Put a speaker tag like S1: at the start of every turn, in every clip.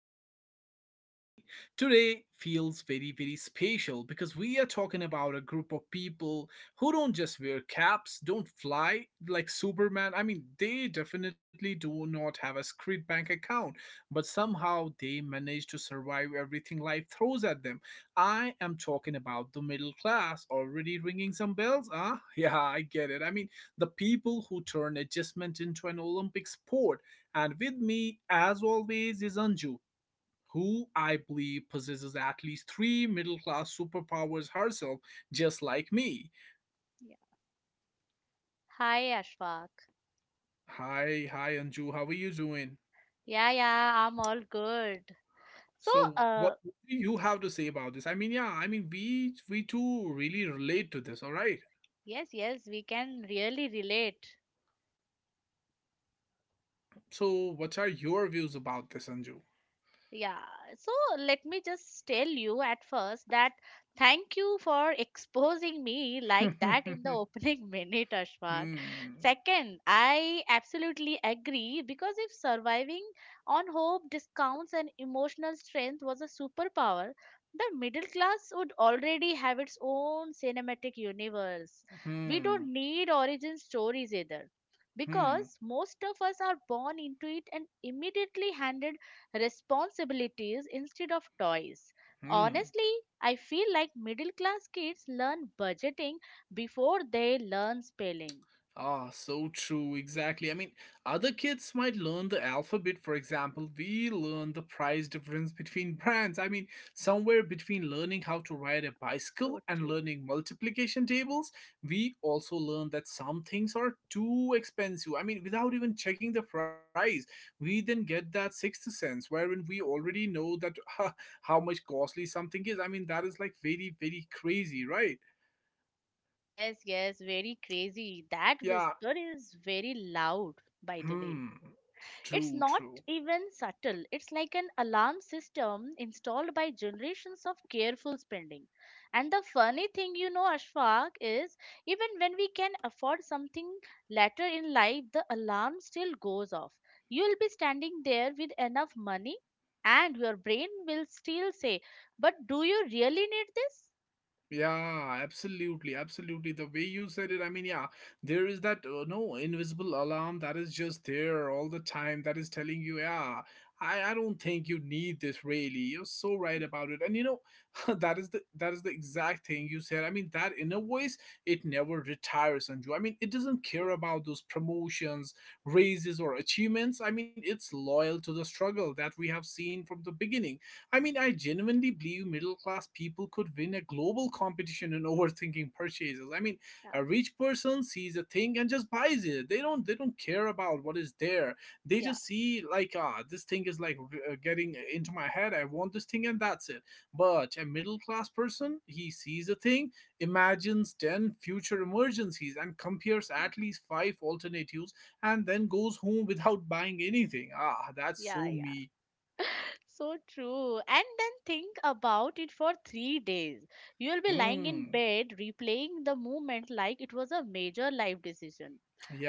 S1: podcast, everyone. Today feels very, very special because we are talking about a group of people who don't just wear caps, don't fly like Superman. They definitely do not have a secret bank account, but somehow they manage to survive everything life throws at them. I am talking about the middle class. Already ringing some bells? Huh? Yeah, I get it. The people who turn adjustment into an Olympic sport, and with me, as always, is Anju, who I believe possesses at least three middle class superpowers herself, just like me.
S2: Yeah. Hi, Ashfaq.
S1: Hi, Anju. How are you doing?
S2: Yeah, yeah, I'm all good. So,
S1: So, what
S2: uh,
S1: do you have to say about this? We too really relate to this. All right.
S2: yes, yes, we can really relate.
S1: So, what are your views about this, Anju?
S2: Yeah, so let me just tell you at first that thank you for exposing me like that in the opening minute, Ashfaq.
S1: Hmm.
S2: Second, I absolutely agree because if surviving on hope, discounts, and emotional strength was a superpower, the middle class would already have its own cinematic universe. We
S1: Hmm.
S2: don't need origin stories either
S1: Hmm. Hmm.
S2: because most of us are born into it and immediately handed responsibilities instead of toys.
S1: Hmm.
S2: Honestly, I feel like middle class kids learn budgeting before they learn spelling.
S1: Ah, so true, exactly. Other kids might learn the alphabet, for example. We learn the price difference between brands. Somewhere between learning how to ride a
S2: So
S1: bicycle and
S2: true.
S1: learning multiplication tables, we also learn that some things are too expensive. Without even checking the price, we then get that sixth sense wherein we already know that how much costly something is. That is like very, very crazy, right?
S2: Yes, yes, very crazy. That
S1: Yeah.
S2: whisper is very loud, by the way.
S1: Hmm.
S2: It's
S1: True,
S2: not
S1: true.
S2: even subtle. It's like an alarm system installed by generations of careful spending. And the funny thing, you know, Ashfaq, is even when we can afford something later in life, the alarm still goes off. You'll be standing there with enough money, and your brain will still say, but do you really need this?
S1: Yeah, absolutely, absolutely. The way you said it, I mean, yeah, there is that no invisible alarm that is just there all the time that is telling you, yeah, I don't think you need this really. You're so right about it. And you know, that is the exact thing you said. That inner voice, it never retires, Anju. It doesn't care about those promotions, raises or achievements. It's loyal to the struggle that we have seen from the beginning. I genuinely believe middle class people could win a global competition in overthinking purchases.
S2: Yeah,
S1: A rich person sees a thing and just buys it. They don't care about what is there. They
S2: yeah,
S1: just see like ah, this thing is like getting into my head. I want this thing and that's it. But a middle class person, he sees a thing, imagines 10 future emergencies and compares at least 5 alternatives and then goes home without buying anything. Ah, that's
S2: yeah,
S1: so
S2: yeah.
S1: me.
S2: So true. And then think about it for 3 days. You'll be lying in
S1: Hmm.
S2: bed replaying the moment like it was a major life decision.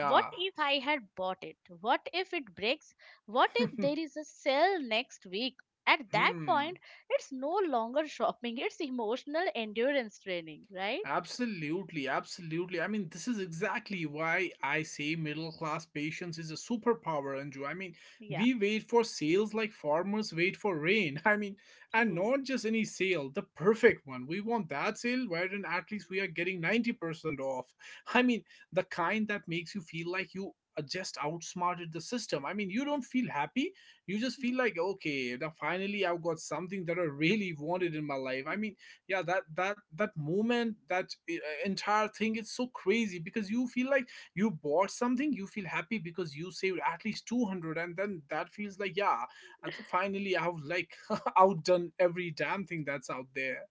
S2: What if I had bought it? What if it breaks? What if there is a sale next week? At that point,
S1: Hmm.
S2: it's no longer shopping, it's emotional endurance training, right?
S1: Absolutely, absolutely. This is exactly why I say middle class patience is a superpower, Anju.
S2: Yeah,
S1: We wait for sales like farmers wait for rain. And
S2: true.
S1: not just any sale, the perfect one. We want that sale wherein at least we are getting 90% off. I mean, the kind that makes you feel like you just outsmarted the system. You don't feel happy. You just feel like, okay, now finally I've got something that I really wanted in my life. That moment, that entire thing is so crazy because you feel like you bought something, you feel happy because you saved at least 200, and then that feels like, yeah, and so finally I've like outdone every damn thing that's out there.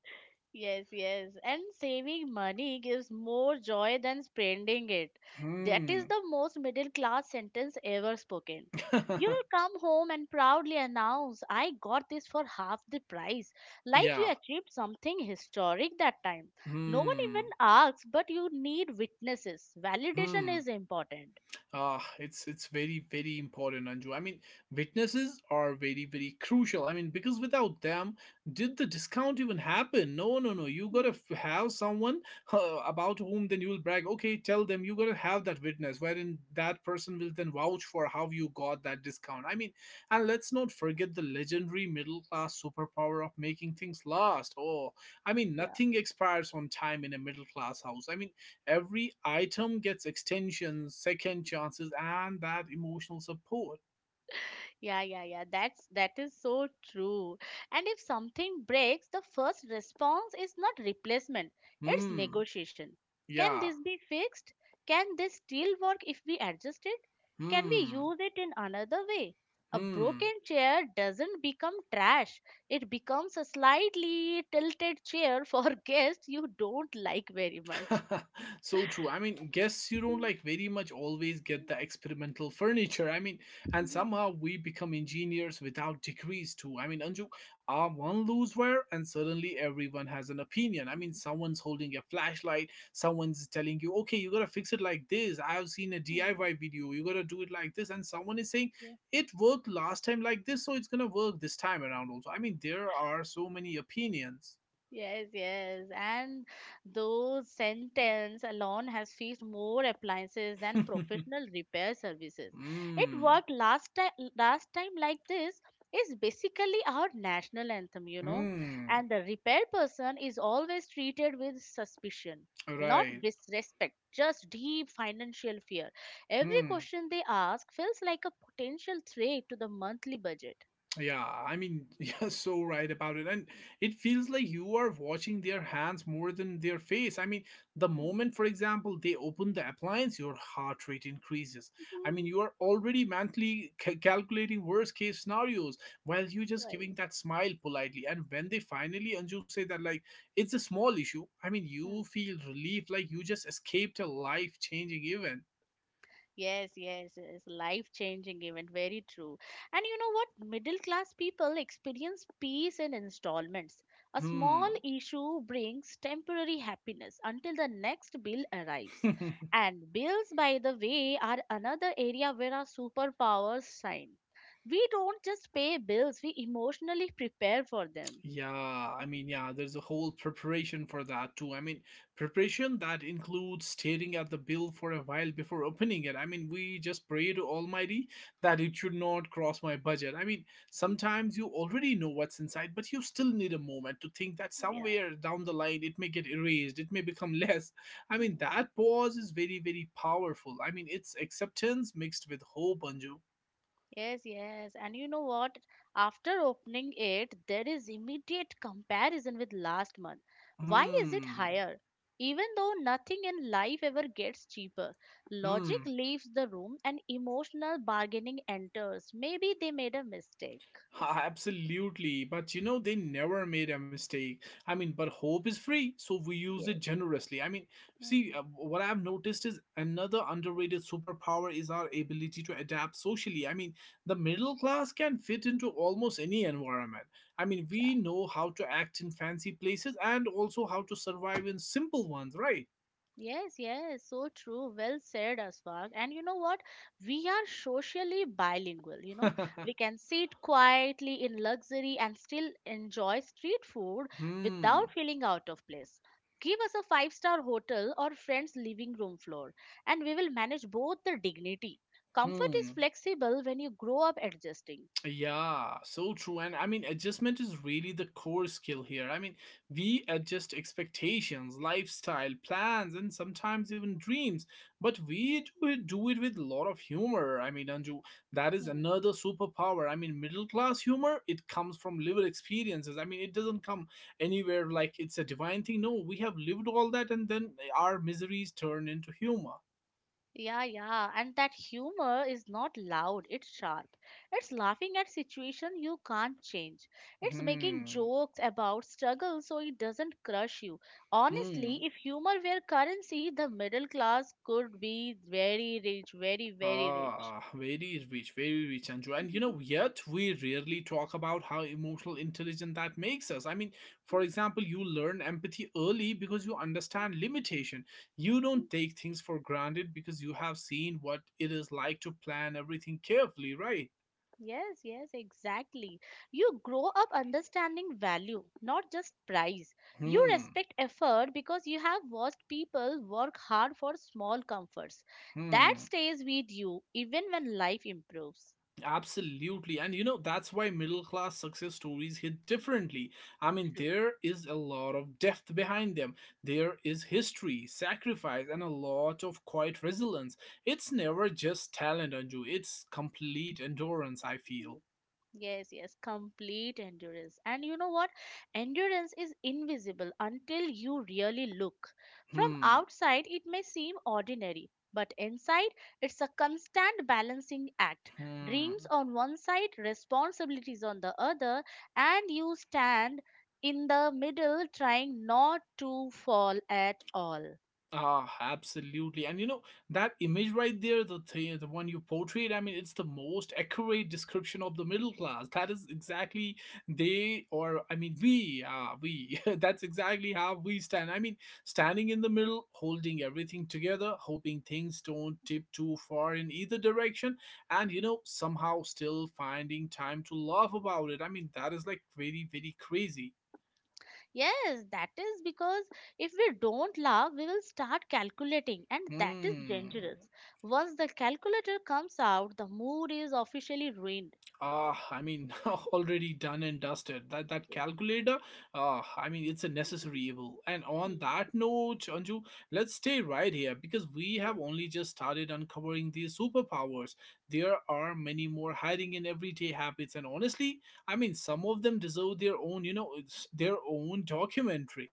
S2: Yes, yes. And saving money gives more joy than spending it. That is
S1: Hmm.
S2: the most middle class sentence ever spoken. You will come home and proudly announce, I got this for half the price. Like you
S1: Yeah.
S2: achieved something historic that time. No one even
S1: Hmm.
S2: asks, but you need witnesses. Validation
S1: Hmm.
S2: is important.
S1: Ah, it's very very important, Anju. Witnesses are very very crucial. Because without them, did the discount even happen? No, no, no. You gotta have someone about whom then you will brag. Okay, tell them you gotta have that witness, wherein that person will then vouch for how you got that discount. And let's not forget the legendary middle class superpower of making things last. Oh, nothing expires on time in a middle class house. Every item gets extensions, second chances, and that emotional support.
S2: Yeah, yeah, yeah. That's that is so true. And if something breaks, the first response is not replacement, it's
S1: Hmm.
S2: negotiation. Can
S1: Yeah.
S2: this be fixed? Can this still work if we adjust it? Can we
S1: Hmm.
S2: use it in another way? A broken
S1: Hmm.
S2: chair doesn't become trash. It becomes a slightly tilted chair for guests you don't like very much.
S1: So true. Guests you don't
S2: Hmm,
S1: like very much always get
S2: hmm,
S1: the experimental furniture. And
S2: hmm,
S1: somehow we become engineers without degrees too. Anju, our one lose wear, and suddenly everyone has an opinion.
S2: hmm,
S1: Someone's holding a flashlight, someone's telling you, okay, you gotta fix it like this. I've seen a
S2: hmm,
S1: DIY video, you gotta do it like this, and someone is saying,
S2: hmm.
S1: it worked last time like this, so it's gonna work this time around also. There are so many opinions.
S2: Yes, yes. And those sentence alone has fixed more appliances than
S1: Mm.
S2: professional repair services. It worked last time like this is basically our national anthem, you know.
S1: Mm.
S2: And the repair person is always treated with suspicion, not
S1: Right.
S2: disrespect, just deep financial fear. Every
S1: Hmm.
S2: question they ask feels like a potential threat to the monthly budget.
S1: Yeah, I mean, you're so right about it. And it feels like you are watching their hands more than their face. The
S2: Hmm.
S1: moment, for example, they open the appliance, your heart rate increases. You are already mentally calculating worst case scenarios while you're just
S2: Right.
S1: giving that smile politely. And when they finally, Anju, say that, like, it's a small issue, I mean,
S2: Hmm.
S1: you feel relief like you just escaped a life changing event.
S2: Yes, yes, it's life-changing event. Very true. And you know what? Middle-class people experience peace in installments. A small
S1: Hmm.
S2: issue brings temporary happiness until the next bill arrives. And bills, by the way, are another area where our superpowers shine. We don't just pay bills, we emotionally prepare for them.
S1: Yeah, I mean, yeah, there's a whole preparation for that too. Preparation that includes staring at the bill for a while before opening it. We just pray to Almighty that it should not cross my budget. Sometimes you already know what's inside, but you still need a moment to think that
S2: Yeah.
S1: somewhere down the line it may get erased, it may become less.
S2: Hmm.
S1: That pause is very, very powerful. It's acceptance mixed with hope, Anju.
S2: Yes, yes. And you know what? After opening it, there is immediate comparison with last month. Why is it
S1: Hmm.
S2: higher? Even though nothing in life ever gets cheaper, logic
S1: Hmm.
S2: leaves the room and emotional bargaining enters. Maybe they made a mistake.
S1: Ha, absolutely, but you know, they never made a mistake. But hope is free, so we use
S2: Yes.
S1: it generously. See,
S2: Hmm.
S1: what I've noticed is another underrated superpower is our ability to adapt socially. The middle class can fit into almost any environment. We know how to act in fancy places and also how to survive in simple ones, right?
S2: Yes, yes, so true. Well said, Aswag. And you know what? We are socially bilingual, you know. We can sit quietly in luxury and still enjoy street food without
S1: Hmm.
S2: feeling out of place. Give us a five-star hotel or friend's living room floor, and we will manage both the dignity. Comfort is
S1: Hmm.
S2: flexible when you grow up adjusting.
S1: Yeah, so true. And I mean, adjustment is really the core skill here. We adjust expectations, lifestyle, plans, and sometimes even dreams. But
S2: Hmm.
S1: we do it with a lot of humor. Anju, that is
S2: Hmm.
S1: another superpower. Middle class humor, it comes from lived experiences. It doesn't come anywhere like it's a divine thing. No, we have lived all that, and then our miseries turn into humor.
S2: Yeah, yeah, and that humor is not loud, it's sharp. It's laughing at situation you can't change. It's making
S1: Hmm.
S2: jokes about struggle so it doesn't crush you.
S1: Hmm.
S2: Honestly, if humor were currency, the middle class could be very rich, very, very rich.
S1: Ah, ah, very rich, Anju. And you know, yet we rarely talk about how emotional intelligent that makes us. For example, you learn empathy early because you understand limitation. You don't take things for granted because you have seen what it is like to plan everything carefully, right?
S2: Yes, yes, exactly. You grow up understanding value, not just price. You
S1: Hmm.
S2: respect effort because you have watched people work hard for small comforts. That
S1: Hmm.
S2: stays with you even when life improves.
S1: Absolutely. And you know, that's why middle class success stories hit differently.
S2: True.
S1: There is a lot of depth behind them. There is history, sacrifice, and a lot of quiet resilience. It's never just talent, Anju. It's complete endurance, I feel.
S2: Yes, yes, complete endurance. And you know what? Endurance is invisible until you really look. From
S1: Hmm.
S2: outside, it may seem ordinary, but inside, it's a constant balancing act.
S1: Hmm.
S2: Dreams on one side, responsibilities on the other, and you stand in the middle trying not to fall at all.
S1: Ah, absolutely. And you know, that image right there, the thing, the one you portrayed, I mean, it's the most accurate description of the middle class. That is exactly they, or I mean we, ah, we. That's exactly how we stand. Standing in the middle, holding everything together, hoping things don't tip too far in either direction, and you know, somehow still finding time to laugh about it. That is like very, very crazy.
S2: Yes, that is because if we don't laugh, we will start calculating, and that is
S1: Hmm.
S2: dangerous. Once the calculator comes out, the mood is officially ruined.
S1: Ah, I mean, already done and dusted. That
S2: Yes,
S1: calculator, ah, I mean, it's a necessary evil. And on
S2: hmm.
S1: that note, Anju, let's stay right here because we have
S2: Yes,
S1: only just started uncovering these superpowers. There are many more hiding in everyday habits, and honestly, some of them deserve their own, you know, it's their own documentary.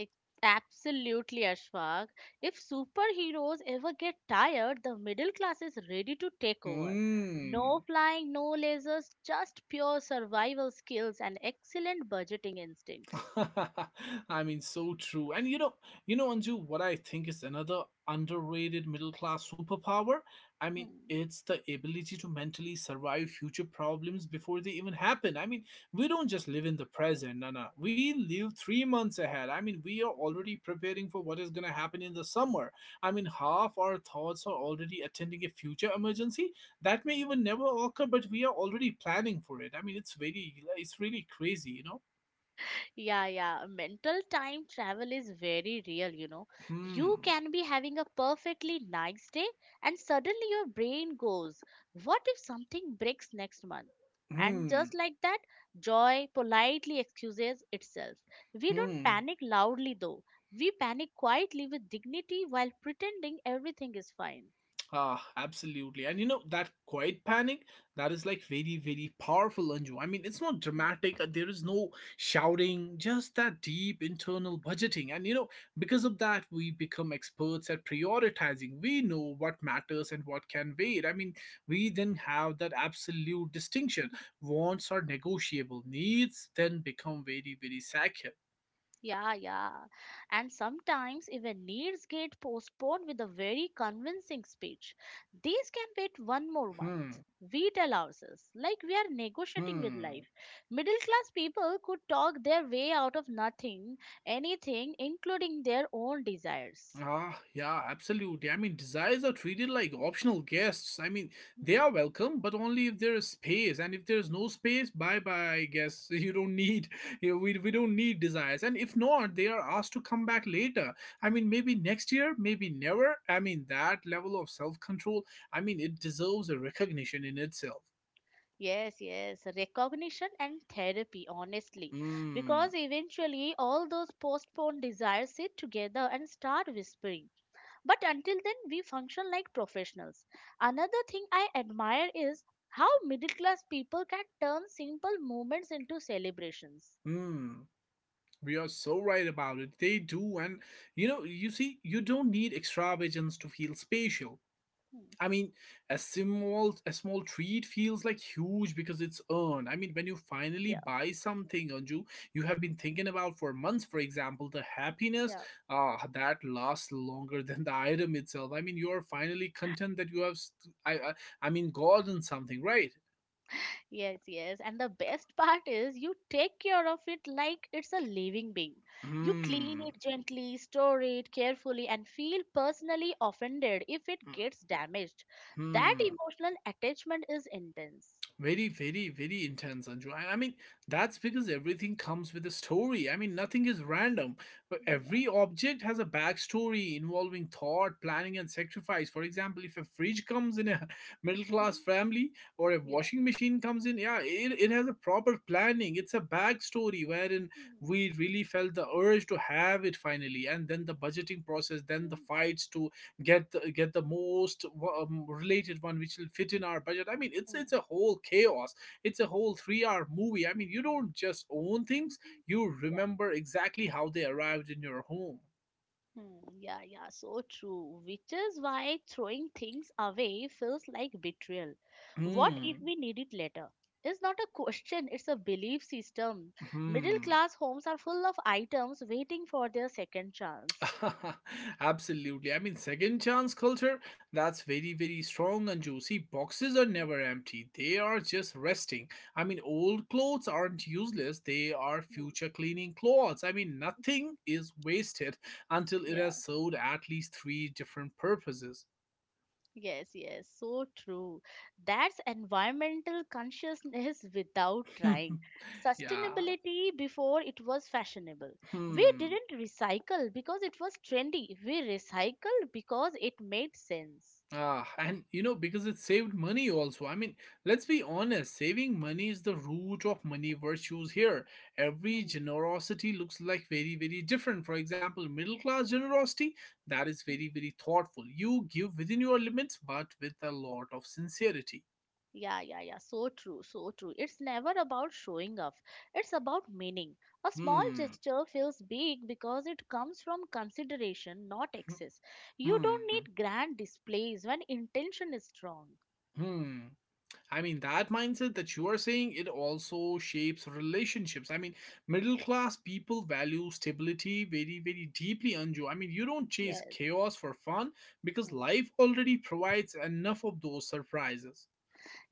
S2: ex- absolutely, Ashfaq. If superheroes ever get tired, the middle class is ready to take over.
S1: Hmm.
S2: No flying, no lasers, just pure survival skills and excellent budgeting instincts.
S1: I mean, so true. And you know, Anju, what I think is another underrated middle class superpower.
S2: Hmm.
S1: It's the ability to mentally survive future problems before they even happen. We don't
S2: Hmm.
S1: just live in the present, no, no. We live 3 months ahead. We are already preparing for what is going to happen in the summer. Half our thoughts are already attending a future emergency that may even never occur, but we are already planning for it. It's very, it's really crazy, you know.
S2: Yeah, yeah. Mental time travel is very real, you know.
S1: Hmm.
S2: You can be having a perfectly nice day and suddenly your brain goes, what if something breaks next month? And
S1: Hmm.
S2: just like that, joy politely excuses itself. We don't
S1: Hmm.
S2: panic loudly though. We panic quietly with dignity while pretending everything is fine.
S1: Ah, absolutely. And you know, that quiet panic, that is like very, very powerful, Anju. It's not dramatic. There is no shouting, just that deep internal budgeting. And you know, because of that, we become experts at prioritizing. We know what matters and what can wait. We then have that absolute distinction. Wants are negotiable, needs then become very, very sacred.
S2: Yeah, yeah. And sometimes even needs get postponed with a very convincing speech. These can wait one
S1: Hmm.
S2: more month. We tell ourselves, like we are negotiating with
S1: Hmm.
S2: life. Middle class people could talk their way out of nothing, anything, including their own desires.
S1: Ah, yeah, absolutely. Desires are treated like optional guests. I mean,
S2: Hmm.
S1: they are welcome, but only if there is space. And if there is no space, bye bye. I guess you don't need you we don't need desires. And if not, they are asked to come back later. I mean, maybe next year, maybe never. I mean, that level of self control. I mean, it deserves a recognition in itself.
S2: Yes, yes, recognition and therapy, honestly.
S1: Hmm.
S2: Because eventually all those postponed desires sit together and start whispering. But until then, we function like professionals. Another thing I admire is how middle class people can turn simple moments into celebrations.
S1: Hmm. We are so right about it. They do, and you see, you don't need extravagance to feel spatial.
S2: Hmm.
S1: I mean, a small treat feels like huge because it's earned. I mean, when you finally
S2: Yeah.
S1: buy something, Anju, you have been thinking about for months. For example, the happiness
S2: Yeah.
S1: that lasts longer than the item itself. I mean, you are finally content that you have, I mean, gotten something, right?
S2: Yes, yes. And the best part is you take care of it like it's a living being. You clean
S1: Hmm.
S2: it gently, store it carefully, and feel personally offended if it gets damaged. That
S1: Hmm.
S2: emotional attachment is intense.
S1: Very, very, very intense, Anju. I mean, that's because everything comes with a story. I mean, nothing is random. But
S2: Yeah.
S1: every object has a backstory involving thought, planning, and sacrifice. For example, if a fridge comes in a middle class
S2: Mhm.
S1: family or a
S2: Yeah.
S1: washing machine comes in, yeah, it has a proper planning. It's a backstory wherein
S2: Mhm.
S1: we really felt the urge to have it finally, and then the budgeting process, then the
S2: Mhm.
S1: fights to get the most related one which will fit in our budget. I mean, it's a whole chaos. It's a whole 3-hour movie. I mean, you don't just own
S2: Mm.
S1: things,
S2: Mhm.
S1: you remember exactly how they arrived in your home.
S2: Hmm, yeah, yeah, so true. Which is why throwing things away feels like betrayal. What if
S1: Hmm.
S2: we need it later? It's not a question, it's a belief system. Middle
S1: Hmm.
S2: class homes are full of items waiting for their second chance.
S1: Absolutely. I mean, second chance culture, that's very, very strong and juicy. Boxes are
S2: Yeah.
S1: never empty, they are just resting. I mean, old clothes aren't useless, they are
S2: Hmm.
S1: future cleaning clothes. I mean, nothing is wasted until it has
S2: Yeah.
S1: served at least three different purposes.
S2: Yes, yes, so true. That's environmental consciousness without trying.
S1: Yeah.
S2: Sustainability before it was fashionable. We
S1: Hmm.
S2: didn't recycle because it was trendy. We recycled because it made sense.
S1: Ah, and because it saved money also. I mean, let's be honest, saving money is the root of money virtues here. Every
S2: Hmm,
S1: generosity looks like very, very different. For example, middle class generosity, that is
S2: hmm.
S1: very, very thoughtful. You give within your limits, but with a lot of sincerity.
S2: Yeah, yeah, yeah. So true, so true. It's never about showing off, it's about meaning. A small
S1: Hmm.
S2: gesture feels big because it comes from consideration, not excess. You
S1: Hmm. Hmm.
S2: don't need grand displays when intention is strong.
S1: Hmm. I mean, that mindset that you are saying, it also shapes relationships. I mean, middle class people value stability very, very deeply, Anju. I mean, you don't chase
S2: Yes.
S1: chaos for fun because
S2: Hmm.
S1: life already provides enough of those surprises.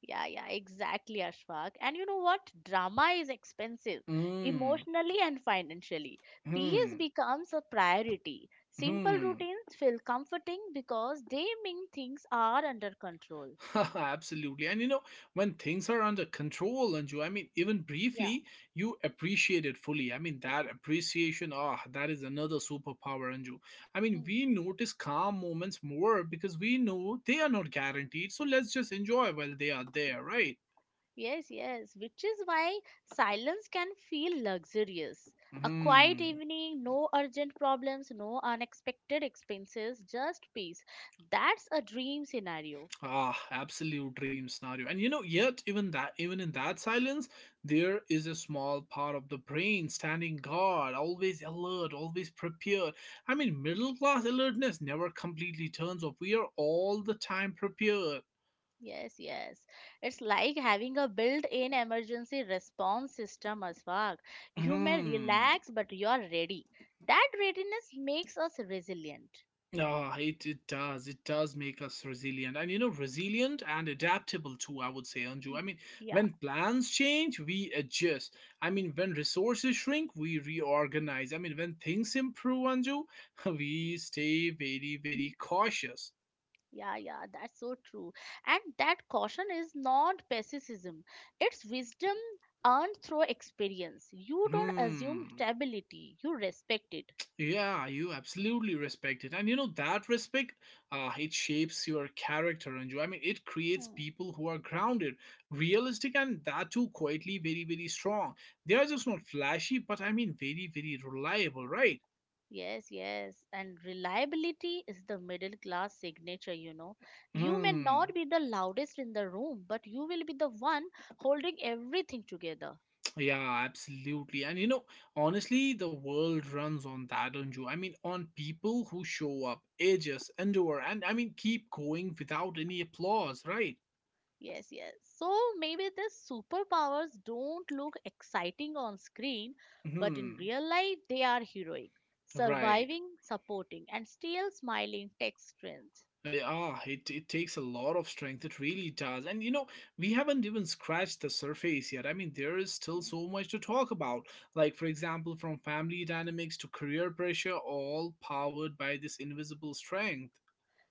S2: Yeah, yeah, exactly, Ashfaq. And you know what? Drama is expensive,
S1: Mm.
S2: emotionally and financially. Peace
S1: Hmm.
S2: becomes a priority. Simple
S1: Hmm.
S2: routines feel comforting because they mean things are under control.
S1: Absolutely. And when things are under control, Anju, I mean, even
S2: Yeah.
S1: briefly, you appreciate it fully. I mean, that appreciation, that is another superpower, Anju. I mean,
S2: Hmm.
S1: we notice calm moments more because we know they are not guaranteed. So let's just enjoy while they are there, right?
S2: Yes, yes, which is why silence can feel luxurious. A quiet
S1: Hmm.
S2: evening, no urgent problems, no unexpected expenses, just peace. That's a dream scenario.
S1: Ah, absolute dream scenario. And yet even in that silence, there is a small part of the brain standing guard, always alert, always prepared. I mean, middle class alertness never completely turns off. We are all the time prepared.
S2: Yes, yes. It's like having a built-in emergency response system, Aswag. You may
S1: Hmm.
S2: relax, but you're ready. That readiness makes us resilient.
S1: Ah, it does. It does make us resilient. And resilient and adaptable too, I would say, Anju. I
S2: Mhm.
S1: mean,
S2: Yeah.
S1: when plans change, we adjust. I
S2: Mhm.
S1: mean, when resources shrink, we reorganize. I mean, when things improve, Anju, we stay very, very cautious.
S2: Yeah, yeah, that's so true. And that caution is not pessimism. It's wisdom earned through experience. You don't assume
S1: Hmm.
S2: stability, you respect it.
S1: Yeah, you absolutely respect it. And that respect, it shapes your character, Anju. I mean, it creates
S2: Hmm.
S1: people who are grounded, realistic, and that too quietly very, very strong. They are just not flashy, but I mean, very, very reliable, right?
S2: Yes, yes. And reliability is the middle class signature, you know. You may
S1: Hmm.
S2: not be the loudest in the room, but you will be the one holding everything together.
S1: Yeah, absolutely. And honestly, the world runs on that, Anju. I mean, on people who show up, ages, endure, and I mean, keep going without any applause, right?
S2: Yes, yes. So maybe the superpowers don't look exciting on screen, but in
S1: Hmm.
S2: real life, they are heroic.
S1: Right.
S2: Surviving, supporting, and still smiling takes strength.
S1: Yeah, it takes a lot of strength. It really does. And we haven't even scratched the surface yet. I mean, there is still so much to talk about. Like, for example, from family dynamics to career pressure, all powered by this invisible strength.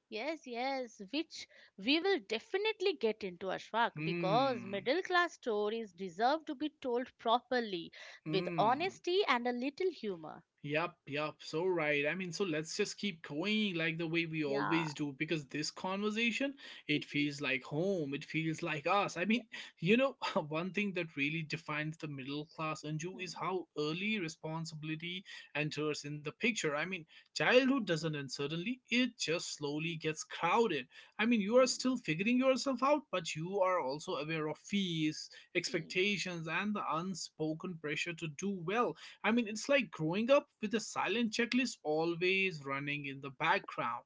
S2: Yes, yes, which we will definitely get into Ashfaq because
S1: Hmm.
S2: middle class stories deserve to be told properly with
S1: Hmm.
S2: honesty and a little humor.
S1: Yep, yep, so right. I mean, so let's just keep going like the way we
S2: Yeah.
S1: always do because this conversation, it feels like home, it feels like us. I
S2: Yeah.
S1: mean, you know, one thing that really defines the middle class Anju
S2: Hmm.
S1: is how early responsibility enters in the picture. I mean, childhood
S2: Hmm.
S1: doesn't end suddenly, it just slowly gets crowded. I mean, you are
S2: Hmm.
S1: still figuring yourself out, but you are also aware of fees,
S2: Hmm.
S1: expectations, and the unspoken pressure to do well. I mean, it's like growing up with a silent checklist always running in the background.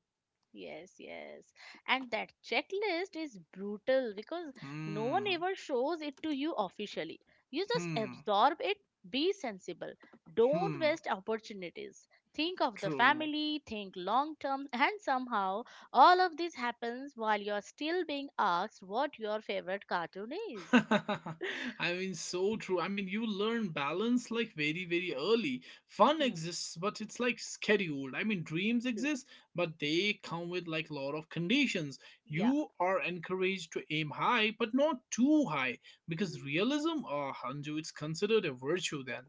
S2: Yes, yes. And that checklist is brutal because no one
S1: Hmm.
S2: ever shows it to you officially. You just
S1: Hmm.
S2: absorb it, be sensible, don't
S1: Hmm.
S2: waste opportunities. Think of the
S1: True.
S2: family, think long term, and somehow all of this happens while you're still being asked what your favorite cartoon is.
S1: I mean, so true. I mean, you learn balance like very, very early. Fun
S2: Hmm,
S1: exists, but it's like scheduled. I mean, dreams
S2: true.
S1: exist, but they come with like lot of conditions.
S2: Yeah.
S1: You are encouraged to aim high, but not too high,
S2: Mm-hmm.
S1: because realism, Hanju, it's considered a virtue then.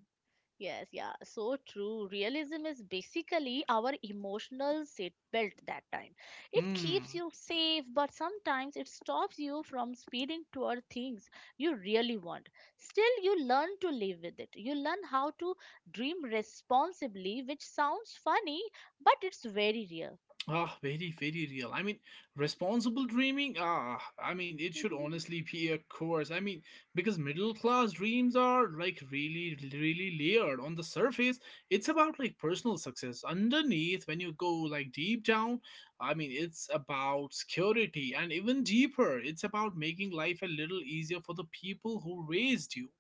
S2: Yes, yeah, so true. Realism is basically our emotional seatbelt that time. It keeps
S1: Hmm.
S2: you safe, but sometimes it stops you from speeding toward things you really want. Still, you learn to live with it. You learn how to dream responsibly, which sounds funny, but it's very real.
S1: Very, very real. I mean, responsible dreaming. I mean, it should honestly be a course. I mean, because middle class dreams are like really, really layered. On the surface, it's
S2: Yes.
S1: about like personal success. Underneath, when you go like deep down, I mean, it's about security, and even deeper, it's about making life a little easier for the people who raised you.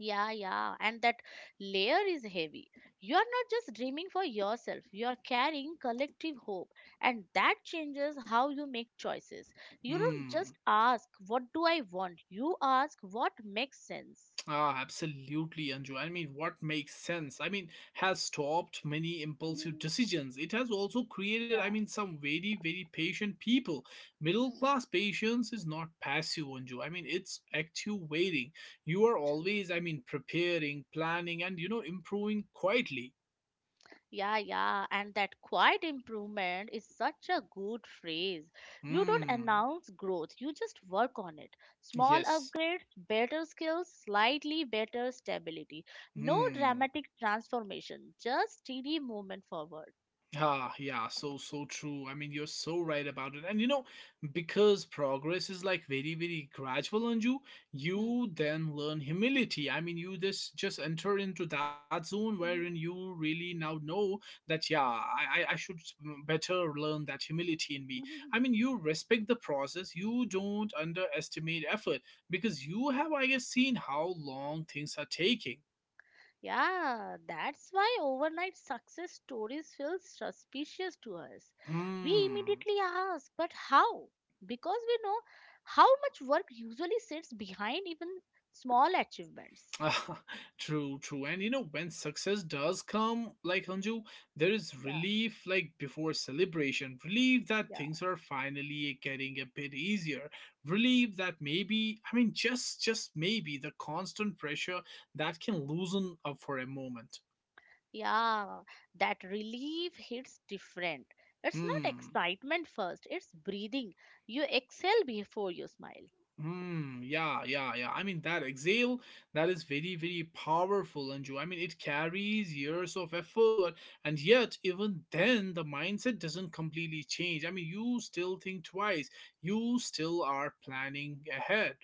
S2: Yeah, yeah, and that layer is heavy. You are not just dreaming for yourself, you are carrying collective hope, and that changes how you make choices. You don't
S1: Hmm.
S2: just ask, what do I want? You ask, what makes sense?
S1: Ah, absolutely, Anju. I mean, what makes sense? I mean, has stopped many impulsive
S2: Mhm.
S1: decisions. It has also created, I
S2: Yeah.
S1: mean, some very, very patient people. Middle
S2: Hmm.
S1: class patience is not passive, Anju. I mean, it's active waiting. You are always, I mean, preparing, planning, and improving quietly.
S2: Yeah, yeah, and that quiet improvement is such a good phrase. You don't
S1: Hmm.
S2: announce growth, you just work on it. Small
S1: Yes.
S2: upgrade, better skills, slightly better stability. No
S1: Hmm.
S2: dramatic transformation, just steady movement forward.
S1: Ah, yeah, so true. I mean, you're so right about it. And because progress is like very very gradual on you,
S2: Hmm.
S1: you then learn humility. I mean, you just enter into that zone wherein you really now know that yeah, I should better learn that humility in me. I mean, you respect the process. You don't underestimate effort because you have I guess seen how long things are taking.
S2: Yeah, that's why overnight success stories feel suspicious to us. We
S1: Hmm.
S2: immediately ask, but how? Because we know how much work usually sits behind even small achievements.
S1: True, true. And when success does come, like Anju, there is
S2: Yeah,
S1: relief like before celebration. Relief that
S2: yeah.
S1: things are finally getting a bit easier. Relief that maybe, I mean, just maybe the constant pressure that can
S2: Hmm.
S1: loosen up for a moment.
S2: Yeah, that relief hits different. It's not
S1: Hmm.
S2: excitement first, it's breathing. You exhale before you smile.
S1: Hmm. Yeah. Yeah. Yeah. I mean that exhale that is very very powerful, Anju. I mean it carries years of effort, and yet even then the mindset doesn't completely change. I mean you still think twice. You still are planning ahead.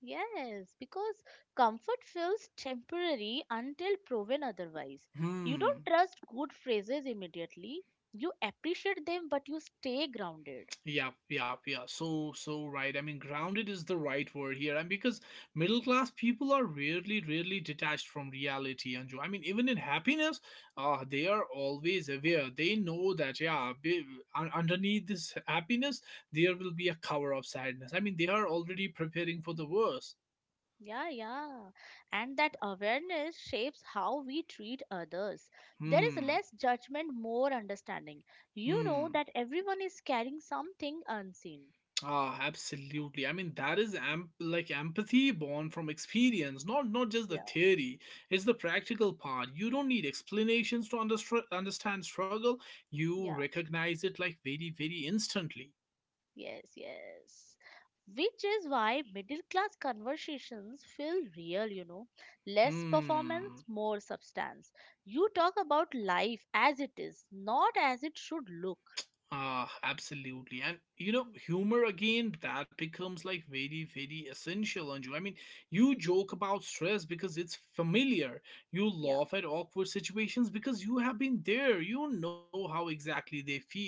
S2: Yes, because comfort feels temporary until proven otherwise. You
S1: Hmm.
S2: don't trust good phrases immediately. You appreciate them, but you stay grounded.
S1: Yeah, yeah, yeah. So, so right. I mean, grounded is the right word here. And because middle class people are rarely, rarely detached from reality, Anju. I mean, even in happiness, they are always aware. They know that, yeah, underneath this happiness, there will be a cover of sadness. I mean, they are already preparing for the worst.
S2: Yeah, yeah. And that awareness shapes how we treat others. There is
S1: Hmm.
S2: less judgment, more understanding. You know
S1: Hmm.
S2: that everyone is carrying something unseen.
S1: Ah, absolutely. I mean, that is like empathy born from experience, not just the
S2: Yeah,
S1: theory. It's the practical part. You don't need explanations to understr understand struggle. You
S2: yeah.
S1: recognize it like very, very instantly.
S2: Yes, yes. Which is why middle class conversations feel real, you know. Less
S1: Hmm.
S2: performance, more substance. You talk about life as it is, not as it should look.
S1: Ah, absolutely. And
S2: Mm.
S1: humor again, that becomes like very, very essential, Anju. I mean, you joke about stress because it's familiar. You
S2: Yeah,
S1: laugh at awkward situations because you have been there. You know how exactly they feel.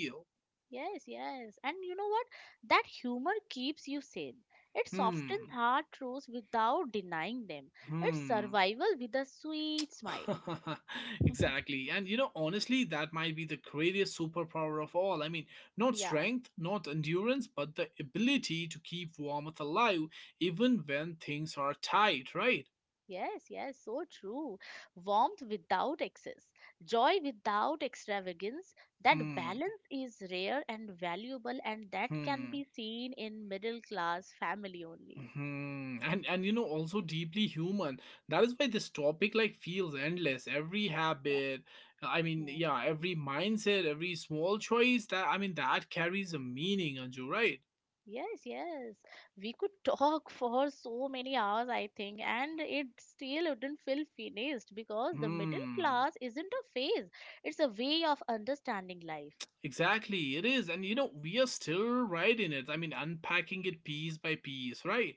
S2: yes, yes. And you know what? That humor keeps you sane. It softens
S1: Hmm.
S2: hard truths without denying them. It's
S1: Hmm.
S2: survival with a sweet smile.
S1: Exactly. And honestly, that might be the greatest superpower of all. I mean, not
S2: Yeah.
S1: strength, not endurance, but the ability to keep warmth alive even when things are tight, right?
S2: Yes, yes, so true. Warmth without excess, joy without extravagance, that
S1: Hmm.
S2: balance is rare and valuable, and that can be
S1: Hmm.
S2: seen in middle class family only.
S1: Hmm. And also deeply human. That is why this topic like feels endless. Every
S2: Yeah.
S1: habit, I mean,
S2: Mm.
S1: yeah, every mindset, every small choice that I mean that carries a meaning, Anju, right?
S2: Yes, yes. We could talk for so many hours, I think, and it still wouldn't feel finished because the middle
S1: Hmm.
S2: class isn't a phase, it's a way of understanding life.
S1: Exactly. It is. And we are still right in it. I mean, unpacking it piece by piece, right?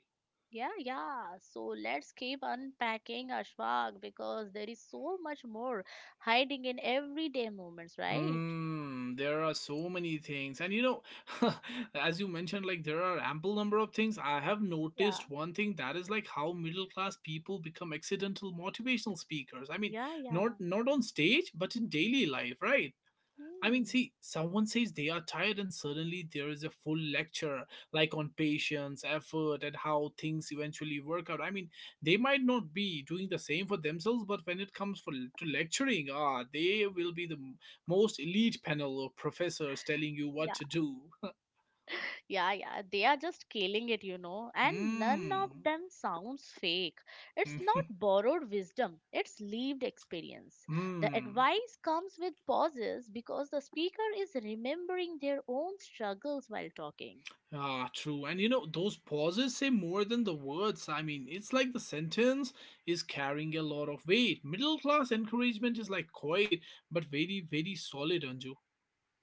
S2: Yeah, yeah. So let's keep unpacking Ashfaq because there is so much more hiding in everyday moments, right?
S1: Hmm. There are so many things. And as you mentioned, like there are ample number of things. I have
S2: Yeah,
S1: noticed one thing that is like how middle class people become accidental motivational speakers. I mean,
S2: yeah,
S1: not
S2: yeah.
S1: not on stage, but in daily life, right? I mean,
S2: Hmm.
S1: see, someone says they are tired, and suddenly there is a full lecture, like on patience, effort, and how things eventually work out. I mean, they might not be doing the same for themselves, but when it comes for to lecturing, they will be the most elite panel of professors telling you what
S2: Yeah,
S1: to do.
S2: yeah, yeah. They are just killing it, you know, and none
S1: Hmm.
S2: of them sounds fake. It's not borrowed wisdom, it's lived experience. The
S1: Hmm.
S2: advice comes with pauses because the speaker is remembering their own struggles while talking.
S1: True. And those pauses say more than the words. I mean, it's like the sentence is carrying a lot of weight. Middle class encouragement is like quiet, but very, very solid, Anju.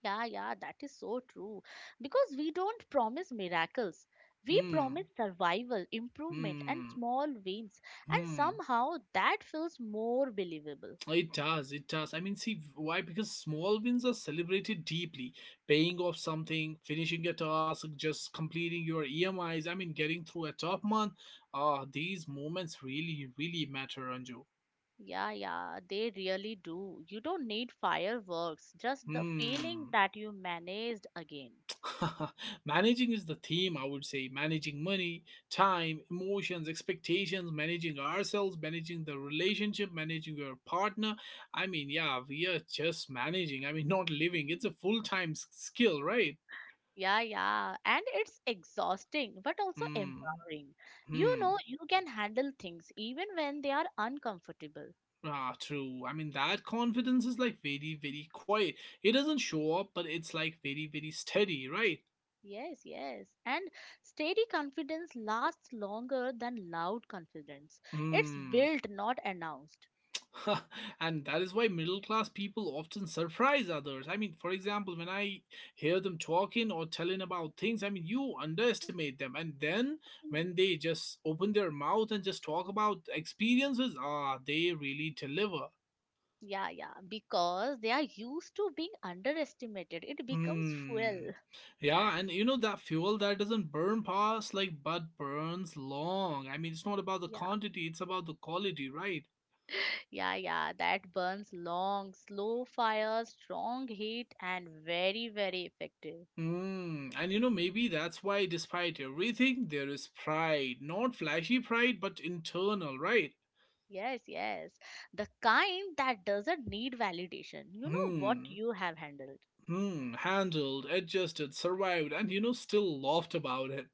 S2: Yeah, yeah, that is so true. Because we don't promise miracles. We
S1: Hmm.
S2: promise survival, improvement, and
S1: Hmm.
S2: small wins. And
S1: Hmm.
S2: somehow that feels more believable.
S1: It does, it does. I mean, see, why? Because small wins are celebrated deeply. Paying off something, finishing a task, just completing your EMIs, I mean, getting through a tough month. Ah, these moments really, really matter, Anju.
S2: Yeah, yeah, they really do. You don't need fireworks, just the
S1: Hmm.
S2: feeling that you managed again.
S1: Managing is the theme, I would say. Managing money, time, emotions, expectations, managing ourselves, managing the relationship, managing your partner. I mean, yeah, we are just managing. I mean, not living. It's a full time skill, right?
S2: Yeah, yeah. And it's exhausting, but also
S1: Hmm.
S2: empowering. You know,
S1: Hmm.
S2: you can handle things even when they are uncomfortable.
S1: Ah, true. I mean, that confidence is like very, very quiet. It doesn't show up, but it's like very, very steady, right?
S2: Yes, yes. And steady confidence lasts longer than loud confidence. It's
S1: Hmm.
S2: built, not announced.
S1: And that is why middle class people often surprise others. I mean, for example, when I hear them talking or telling about things, I mean, you underestimate them. And then
S2: Mhm.
S1: when they just open their mouth and just talk about experiences, ah, they really deliver.
S2: Yeah, yeah. Because they are used to being underestimated. It becomes
S1: Hmm.
S2: fuel.
S1: Yeah, and you know that fuel that doesn't burn fast, like but burns long. I mean, it's not about the
S2: Yeah,
S1: quantity, it's about the quality, right?
S2: yeah, yeah. That burns long, slow fire, strong heat, and very, very effective.
S1: Hmm, and you know, maybe that's why, despite everything, there is pride. Not flashy pride, but internal, right?
S2: Yes, yes. The kind that doesn't need validation. You know what
S1: Hmm,
S2: you have handled.
S1: hmm, handled, adjusted, survived, and you know, still laughed about it.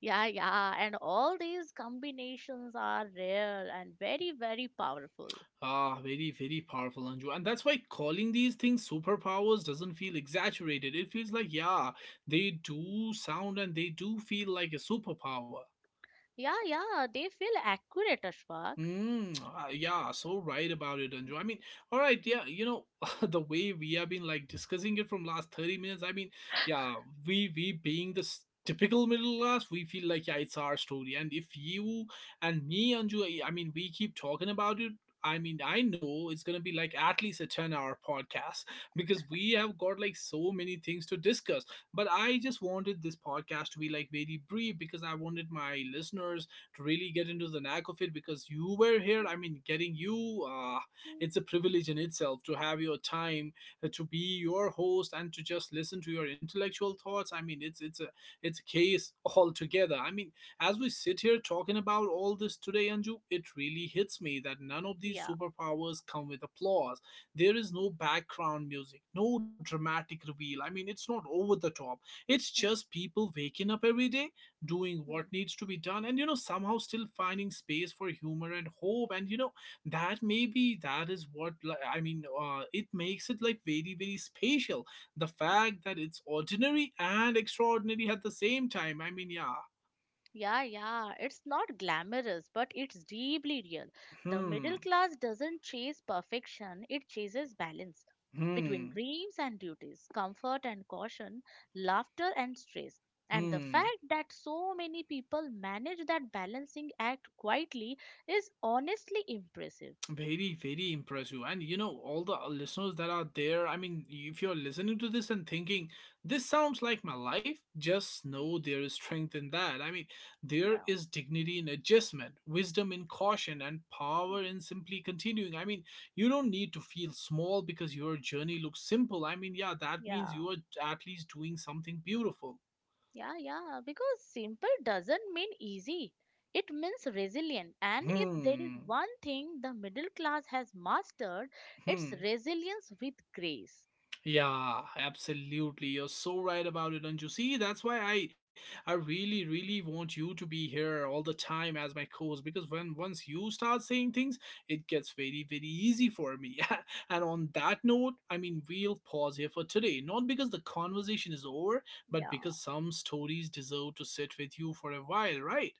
S2: Yeah, yeah, and all these combinations are rare and very, very powerful.
S1: Ah, very, very powerful, Anju. And that's why calling these things superpowers doesn't feel exaggerated. It feels like, yeah, they do sound and they do feel like a superpower.
S2: Yeah, yeah, they feel accurate, Ashfaq.
S1: Mm, ah, yeah, so right about it, Anju. I mean, all right, yeah, you know, the way we have been like discussing it from last 30 minutes, I mean, yeah, we being this typical middle class, we feel like yeah, it's our story. And if you and me, Anju, I mean, we keep talking about it. I mean, I know it's gonna be like at least a 10-hour podcast because we have got like so many things to discuss. But I just wanted this podcast to be like very brief because I wanted my listeners to really get into the knack of it because you were here. I mean, getting you, it's a privilege in itself to have your time to be your host and to just listen to your intellectual thoughts. I mean, it's a case altogether. I mean, as we sit here talking about all this today, Anju, it really hits me that none of these
S2: Yeah.
S1: superpowers come with applause. There is no background music, no dramatic reveal. I mean, it's not over the top. It's just people waking up every day doing what needs to be done, and you know, somehow still finding space for humor and hope, and you know that maybe that is what li- I mean it makes it like very, very spatial, the fact that it's ordinary and extraordinary at the same time. I mean, yeah.
S2: Yeah, yeah, it's not glamorous, but it's deeply real. The middle
S1: Hmm.
S2: class doesn't chase perfection, it chases balance between
S1: Hmm.
S2: dreams and duties, comfort and caution, laughter and stress. And the
S1: Hmm.
S2: fact that so many people manage that balancing act quietly is honestly impressive.
S1: Very, very impressive. And you know, all the listeners that are there, I mean, if you're listening to this and thinking, this sounds like my life, just know there is strength in that. I mean, there
S2: Yeah,
S1: is dignity in adjustment, wisdom in caution, and power in simply continuing. I mean, you don't need to feel small because your journey looks simple. I mean, yeah, that means
S2: yeah.
S1: you are at least doing something beautiful.
S2: Yeah, yeah, because simple doesn't mean easy. It means resilient. And if there is
S1: Hmm.
S2: one thing the middle class has mastered, it's
S1: Hmm.
S2: resilience with grace.
S1: Yeah, absolutely. You're so right about it, and you see, that's why I really really want you to be here all the time as my co-host because when once you start saying things, it gets very very easy for me. And on that note, I mean, we'll pause here for today, not because the conversation is over, but
S2: Yeah,
S1: because some stories deserve to sit with you for a while, right?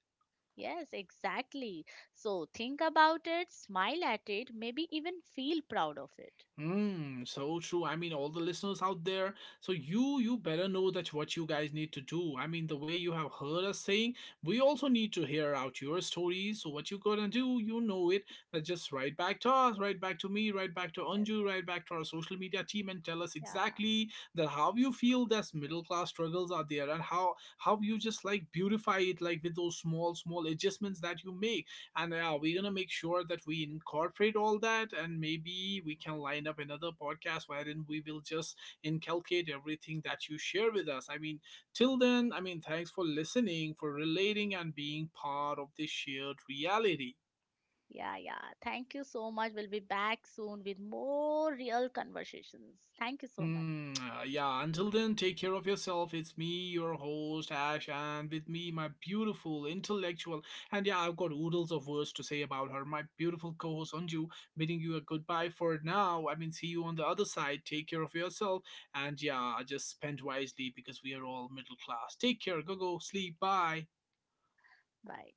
S2: yes, exactly. So think about it, smile at it, maybe even feel proud of it.
S1: Mm, so true. I mean, all the listeners out there, so you better know that what you guys need to do. I mean, the way you have heard us saying, we also need to hear out your stories. So what you gonna do, you know it. Just write back to us, write back to me, write back to
S2: Yes,
S1: Anju, write back to our social media team, and tell us
S2: yeah,
S1: exactly that how you feel that middle class struggles are there, and how you just like beautify it, like with those small small adjustments that you make. And yeah, we're gonna make sure that we incorporate all that, and maybe we can line up another podcast wherein we will just inculcate everything that you share with us. I mean, till then, I mean, thanks for listening, for relating, and being part of this shared reality.
S2: yeah, yeah. Thank you so much. We'll be back soon with more real conversations. Thank you so much.
S1: Hmm, yeah, until then, take care of yourself. It's me, your host, Ash, and with me, my beautiful intellectual. And yeah, I've got oodles of words to say about her, my beautiful co host, Anju, bidding you a goodbye for now. I mean, see you on the other side. Take care of yourself. And yeah, just spend wisely because we are all middle class. Take care. Go, go, sleep. Bye.
S2: Bye.